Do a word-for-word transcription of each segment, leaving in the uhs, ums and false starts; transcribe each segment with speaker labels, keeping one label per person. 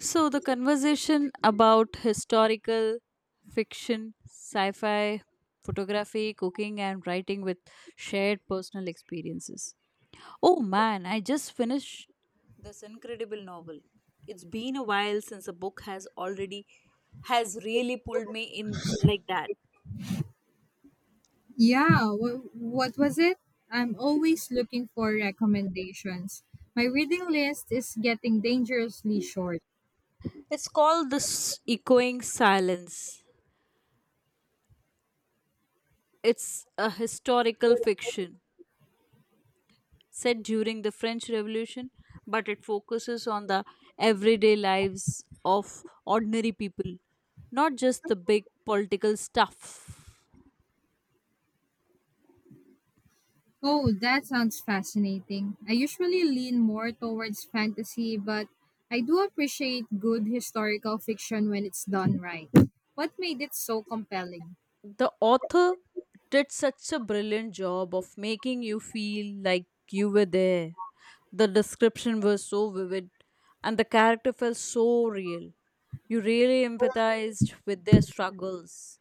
Speaker 1: So, the conversation about historical fiction, sci fi, photography, cooking, and writing with shared personal experiences. Oh man, I just finished this incredible novel. It's been a while since a book has already has really pulled me in like that.
Speaker 2: Yeah, what, what was it? I'm always looking for recommendations. My reading list is getting dangerously short.
Speaker 1: It's called The S- Echoing Silence. It's a historical fiction set during the French Revolution, but it focuses on the everyday lives of ordinary people, not just the big political stuff.
Speaker 2: Oh, that sounds fascinating. I usually lean more towards fantasy, but I do appreciate good historical fiction when it's done right. What made it so compelling?
Speaker 1: The author did such a brilliant job of making you feel like you were there. The description was so vivid, and the character felt so real. You really empathized with their struggles.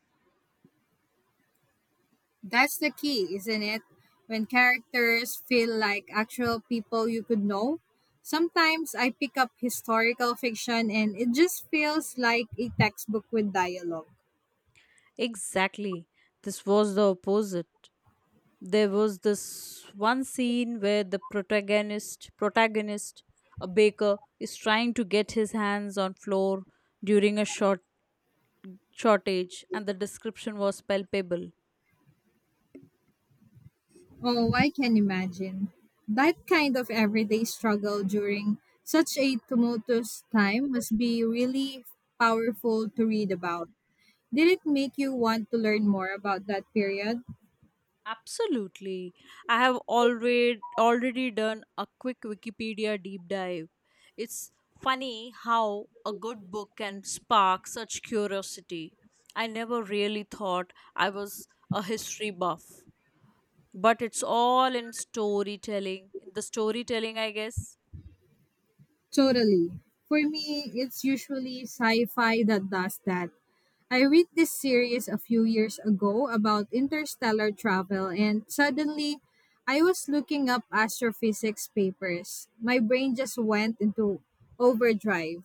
Speaker 2: That's the key, isn't it? When characters feel like actual people you could know. Sometimes I pick up historical fiction and it just feels like a textbook with dialogue.
Speaker 1: Exactly. This was the opposite. There was this one scene where the protagonist protagonist, a baker, is trying to get his hands on flour during a short shortage, and the description was palpable.
Speaker 2: Oh, I can imagine. That kind of everyday struggle during such a tumultuous time must be really powerful to read about. Did it make you want to learn more about that period?
Speaker 1: Absolutely. I have already already done a quick Wikipedia deep dive. It's funny how a good book can spark such curiosity. I never really thought I was a history buff. But it's all in storytelling. In the storytelling, I guess.
Speaker 2: Totally. For me, it's usually sci fi that does that. I read this series a few years ago about interstellar travel, and suddenly I was looking up astrophysics papers. My brain just went into overdrive.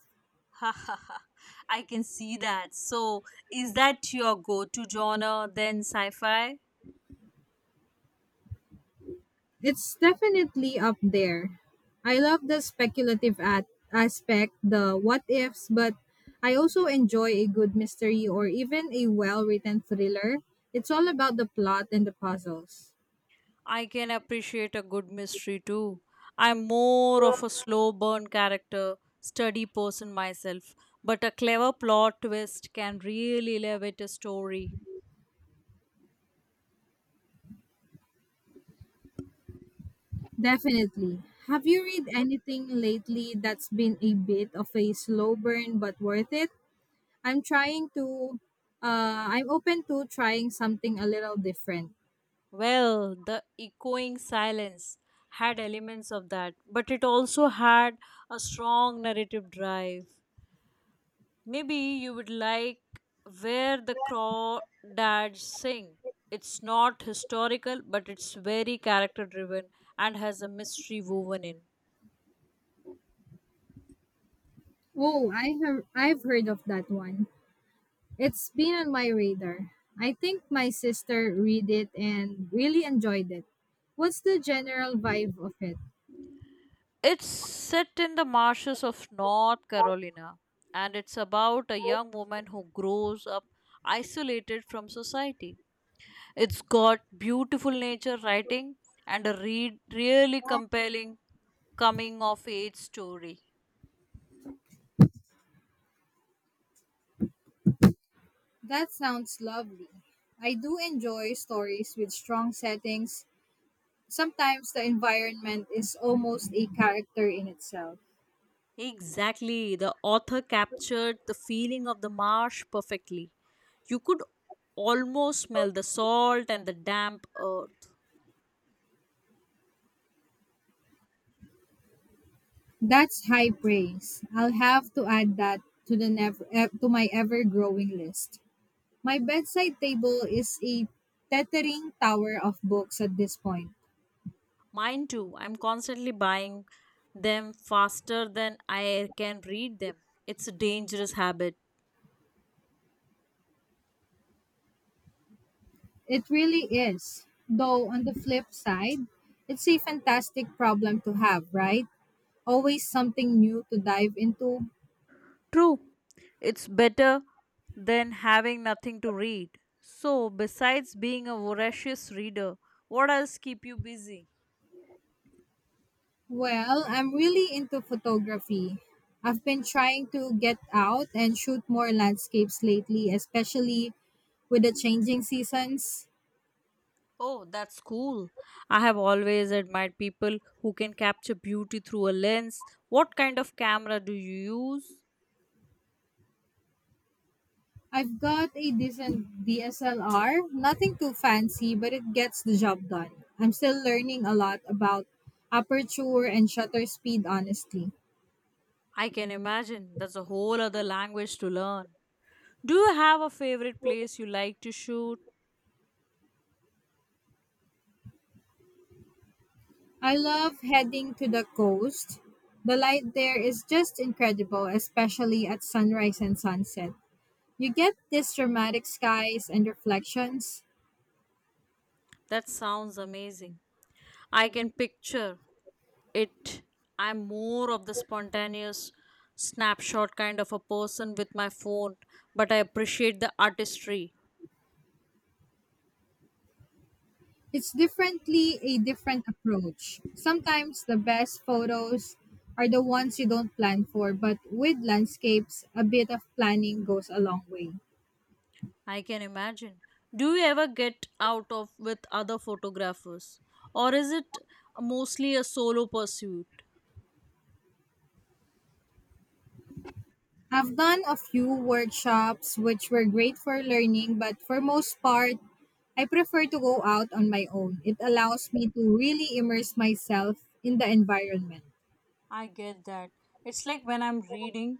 Speaker 1: Ha ha ha. I can see that. So, is that your go to genre then, sci fi?
Speaker 2: It's definitely up there. I love the speculative at- aspect, the what ifs, but I also enjoy a good mystery or even a well written thriller. It's all about the plot and the puzzles.
Speaker 1: I can appreciate a good mystery too. I'm more of a slow burn character, study person myself, but a clever plot twist can really elevate a story.
Speaker 2: Definitely. Have you read anything lately that's been a bit of a slow burn but worth it? I'm trying to uh I'm open to trying something a little different.
Speaker 1: Well, The Echoing Silence had elements of that, but it also had a strong narrative drive. Maybe you would like Where the Crawdads Sing. It's not historical, but it's very character driven and has a mystery woven in.
Speaker 2: Oh, I have I've heard of that one. It's been on my radar. I think my sister read it and really enjoyed it. What's the general vibe of it?
Speaker 1: It's set in the marshes of North Carolina, and it's about a young woman who grows up isolated from society. It's got beautiful nature writing and a read really compelling coming of age story.
Speaker 2: That sounds lovely. I do enjoy stories with strong settings. Sometimes the environment is almost a character in itself.
Speaker 1: Exactly. The author captured the feeling of the marsh perfectly. You could almost smell the salt and the damp earth.
Speaker 2: That's high praise. I'll have to add that to the never eh, to my ever-growing list. My bedside table is a tethering tower of books at this point.
Speaker 1: Mine too. I'm constantly buying them faster than I can read them. It's a dangerous habit.
Speaker 2: It really is. Though on the flip side, it's a fantastic problem to have, right? Always something new to dive into.
Speaker 1: True. It's better than having nothing to read. So, besides being a voracious reader, what else keep you busy?
Speaker 2: Well, I'm really into photography. I've been trying to get out and shoot more landscapes lately, especially with the changing seasons.
Speaker 1: Oh, that's cool. I have always admired people who can capture beauty through a lens. What kind of camera do you use?
Speaker 2: I've got a decent D S L R, nothing too fancy, but it gets the job done. I'm still learning a lot about aperture and shutter speed, honestly.
Speaker 1: I can imagine that's a whole other language to learn. Do you have a favorite place you like to shoot?
Speaker 2: I love heading to the coast. The light there is just incredible, especially at sunrise and sunset. You get these dramatic skies and reflections.
Speaker 1: That sounds amazing. I can picture it. I'm more of the spontaneous snapshot kind of a person with my phone, but I appreciate the artistry.
Speaker 2: It's differently a different approach. Sometimes the best photos are the ones you don't plan for, but with landscapes, a bit of planning goes a long way.
Speaker 1: I can imagine. Do you ever get out of with other photographers? Or is it mostly a solo pursuit?
Speaker 2: I've done a few workshops which were great for learning, but for most part, I prefer to go out on my own. It allows me to really immerse myself in the environment.
Speaker 1: I get that. It's like when I'm reading,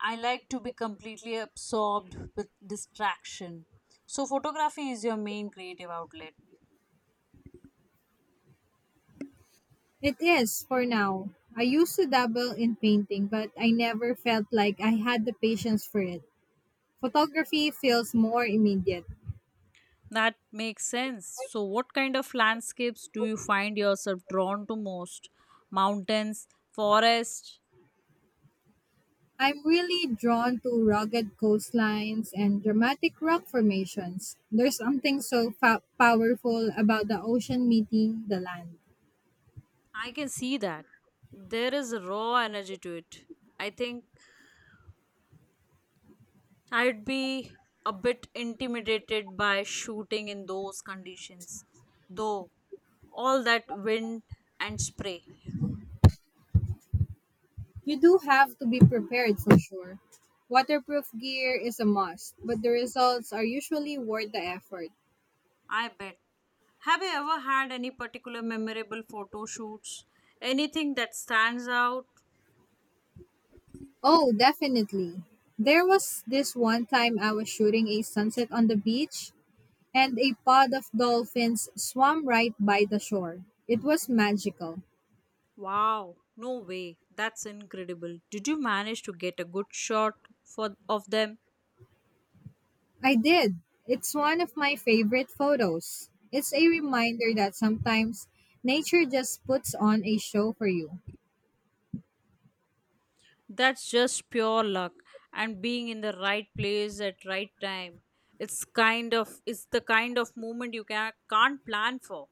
Speaker 1: I like to be completely absorbed with distraction. So, photography is your main creative outlet.
Speaker 2: It is for now. I used to dabble in painting, but I never felt like I had the patience for it. Photography feels more immediate.
Speaker 1: That makes sense. So, what kind of landscapes do you find yourself drawn to most? Mountains, forests?
Speaker 2: I'm really drawn to rugged coastlines and dramatic rock formations. There's something so fa- powerful about the ocean meeting the land.
Speaker 1: I can see that. There is a raw energy to it. I think I'd be a bit intimidated by shooting in those conditions, though, all that wind and spray.
Speaker 2: You do have to be prepared for sure. Waterproof gear is a must, but the results are usually worth the effort.
Speaker 1: I bet. Have you ever had any particular memorable photo shoots? Anything that stands out?
Speaker 2: Oh, definitely. There was this one time I was shooting a sunset on the beach, and a pod of dolphins swam right by the shore. It was magical.
Speaker 1: Wow, no way. That's incredible. Did you manage to get a good shot for of them?
Speaker 2: I did. It's one of my favorite photos. It's a reminder that sometimes nature just puts on a show for you.
Speaker 1: That's just pure luck and being in the right place at right time. It's kind of it's the kind of moment you can, can't plan for.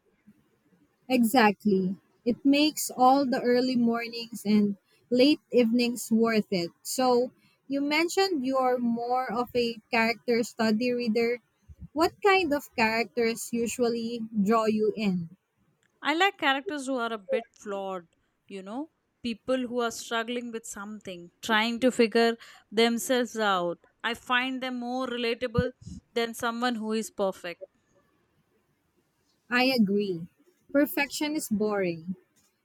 Speaker 2: Exactly. It makes all the early mornings and late evenings worth it. So, you mentioned you're more of a character study reader. What kind of characters usually draw you in?
Speaker 1: I like characters who are a bit flawed, you know, people who are struggling with something, trying to figure themselves out. I find them more relatable than someone who is perfect.
Speaker 2: I agree. Perfection is boring.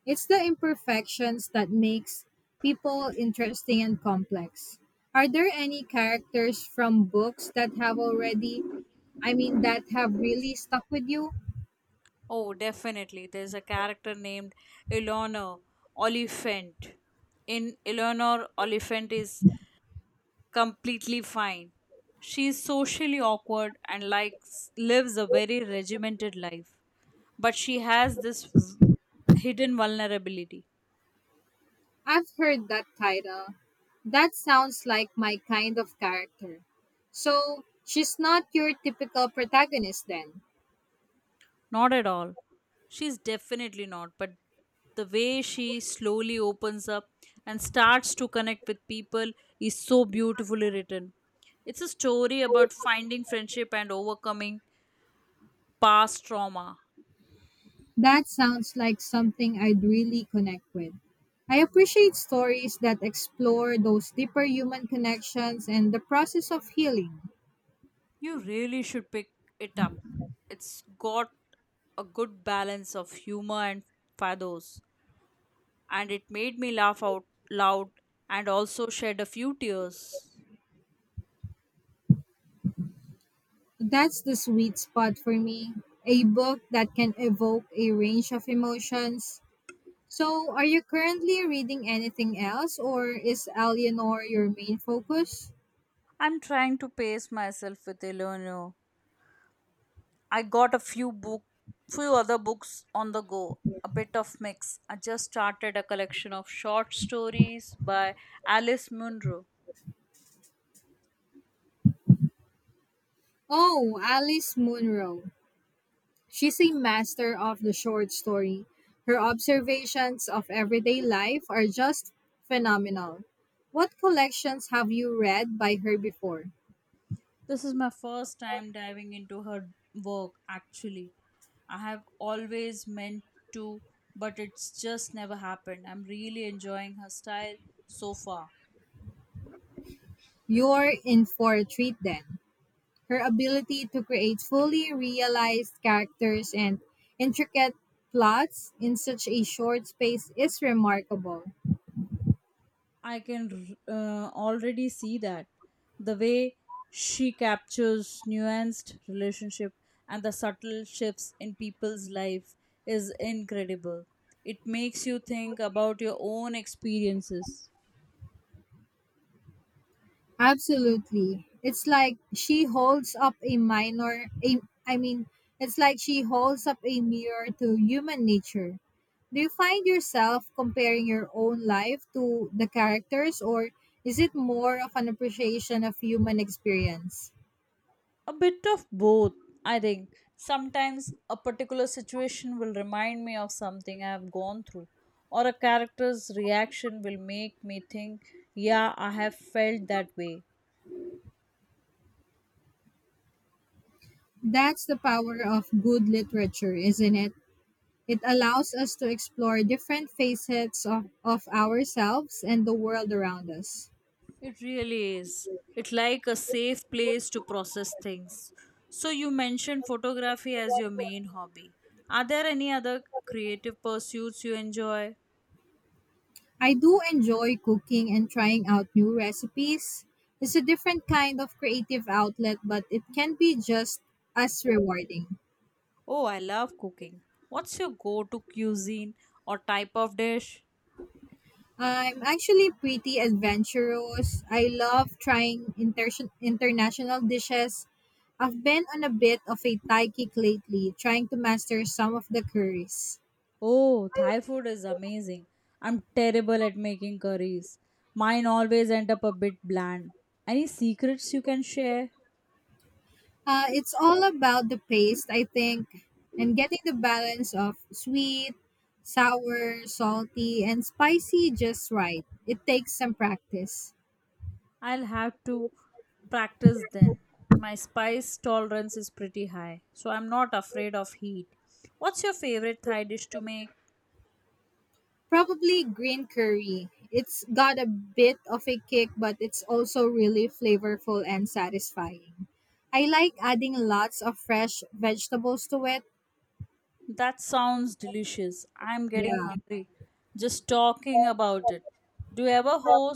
Speaker 2: It's the imperfections that makes people interesting and complex. Are there any characters from books that have already, I mean, that have really stuck with you?
Speaker 1: Oh, definitely. There's a character named Eleanor Oliphant in Eleanor Oliphant Is Completely Fine. She is socially awkward and likes lives a very regimented life, but she has this v- hidden vulnerability.
Speaker 2: I've heard that title. That sounds like my kind of character. So, she's not your typical protagonist then.
Speaker 1: Not at all. She's definitely not, but the way she slowly opens up and starts to connect with people is so beautifully written. It's a story about finding friendship and overcoming past trauma.
Speaker 2: That sounds like something I'd really connect with. I appreciate stories that explore those deeper human connections and the process of healing.
Speaker 1: You really should pick it up. It's got a good balance of humor and pathos, and it made me laugh out loud and also shed a few tears.
Speaker 2: That's the sweet spot for me. A book that can evoke a range of emotions. So, are you currently reading anything else, or is Eleanor your main focus?
Speaker 1: I'm trying to pace myself with Eleanor. I got a few book, few other books on the go. A bit of mix. I just started a collection of short stories by Alice Munro.
Speaker 2: Oh, Alice Munro. She's a master of the short story. Her observations of everyday life are just phenomenal. What collections have you read by her before?
Speaker 1: This is my first time diving into her work, actually. I have always meant to, but it's just never happened. I'm really enjoying her style so far.
Speaker 2: You're in for a treat then. Her ability to create fully realized characters and intricate plots in such a short space is remarkable.
Speaker 1: I can uh, already see that. The way she captures nuanced relationship and the subtle shifts in people's life is incredible. It makes you think about your own experiences.
Speaker 2: Absolutely. It's like she holds up a minor a, I mean, It's like she holds up a mirror to human nature. Do you find yourself comparing your own life to the characters or is it more of an appreciation of human experience?
Speaker 1: A bit of both, I think. Sometimes a particular situation will remind me of something I have gone through, or a character's reaction will make me think, yeah, I have felt that way.
Speaker 2: That's the power of good literature, isn't it? It allows us to explore different facets of, of ourselves and the world around us.
Speaker 1: It really is. It's like a safe place to process things. So, you mentioned photography as your main hobby. Are there any other creative pursuits you enjoy?
Speaker 2: I do enjoy cooking and trying out new recipes. It's a different kind of creative outlet, but it can be just as rewarding.
Speaker 1: Oh, I love cooking. What's your go to cuisine or type of dish?
Speaker 2: I'm actually pretty adventurous. I love trying inter- international dishes. I've been on a bit of a Thai kick lately, trying to master some of the curries.
Speaker 1: Oh, Thai food is amazing. I'm terrible at making curries. Mine always end up a bit bland. Any secrets you can share?
Speaker 2: Uh, it's all about the paste, I think, and getting the balance of sweet, sour, salty, and spicy just right. It takes some practice.
Speaker 1: I'll have to practice then. My spice tolerance is pretty high, so I'm not afraid of heat. What's your favorite Thai dish to make?
Speaker 2: Probably green curry. It's got a bit of a kick, but it's also really flavorful and satisfying. I like adding lots of fresh vegetables to it.
Speaker 1: That sounds delicious. I'm getting
Speaker 2: Yeah.
Speaker 1: hungry. Just talking about it. Do you ever host?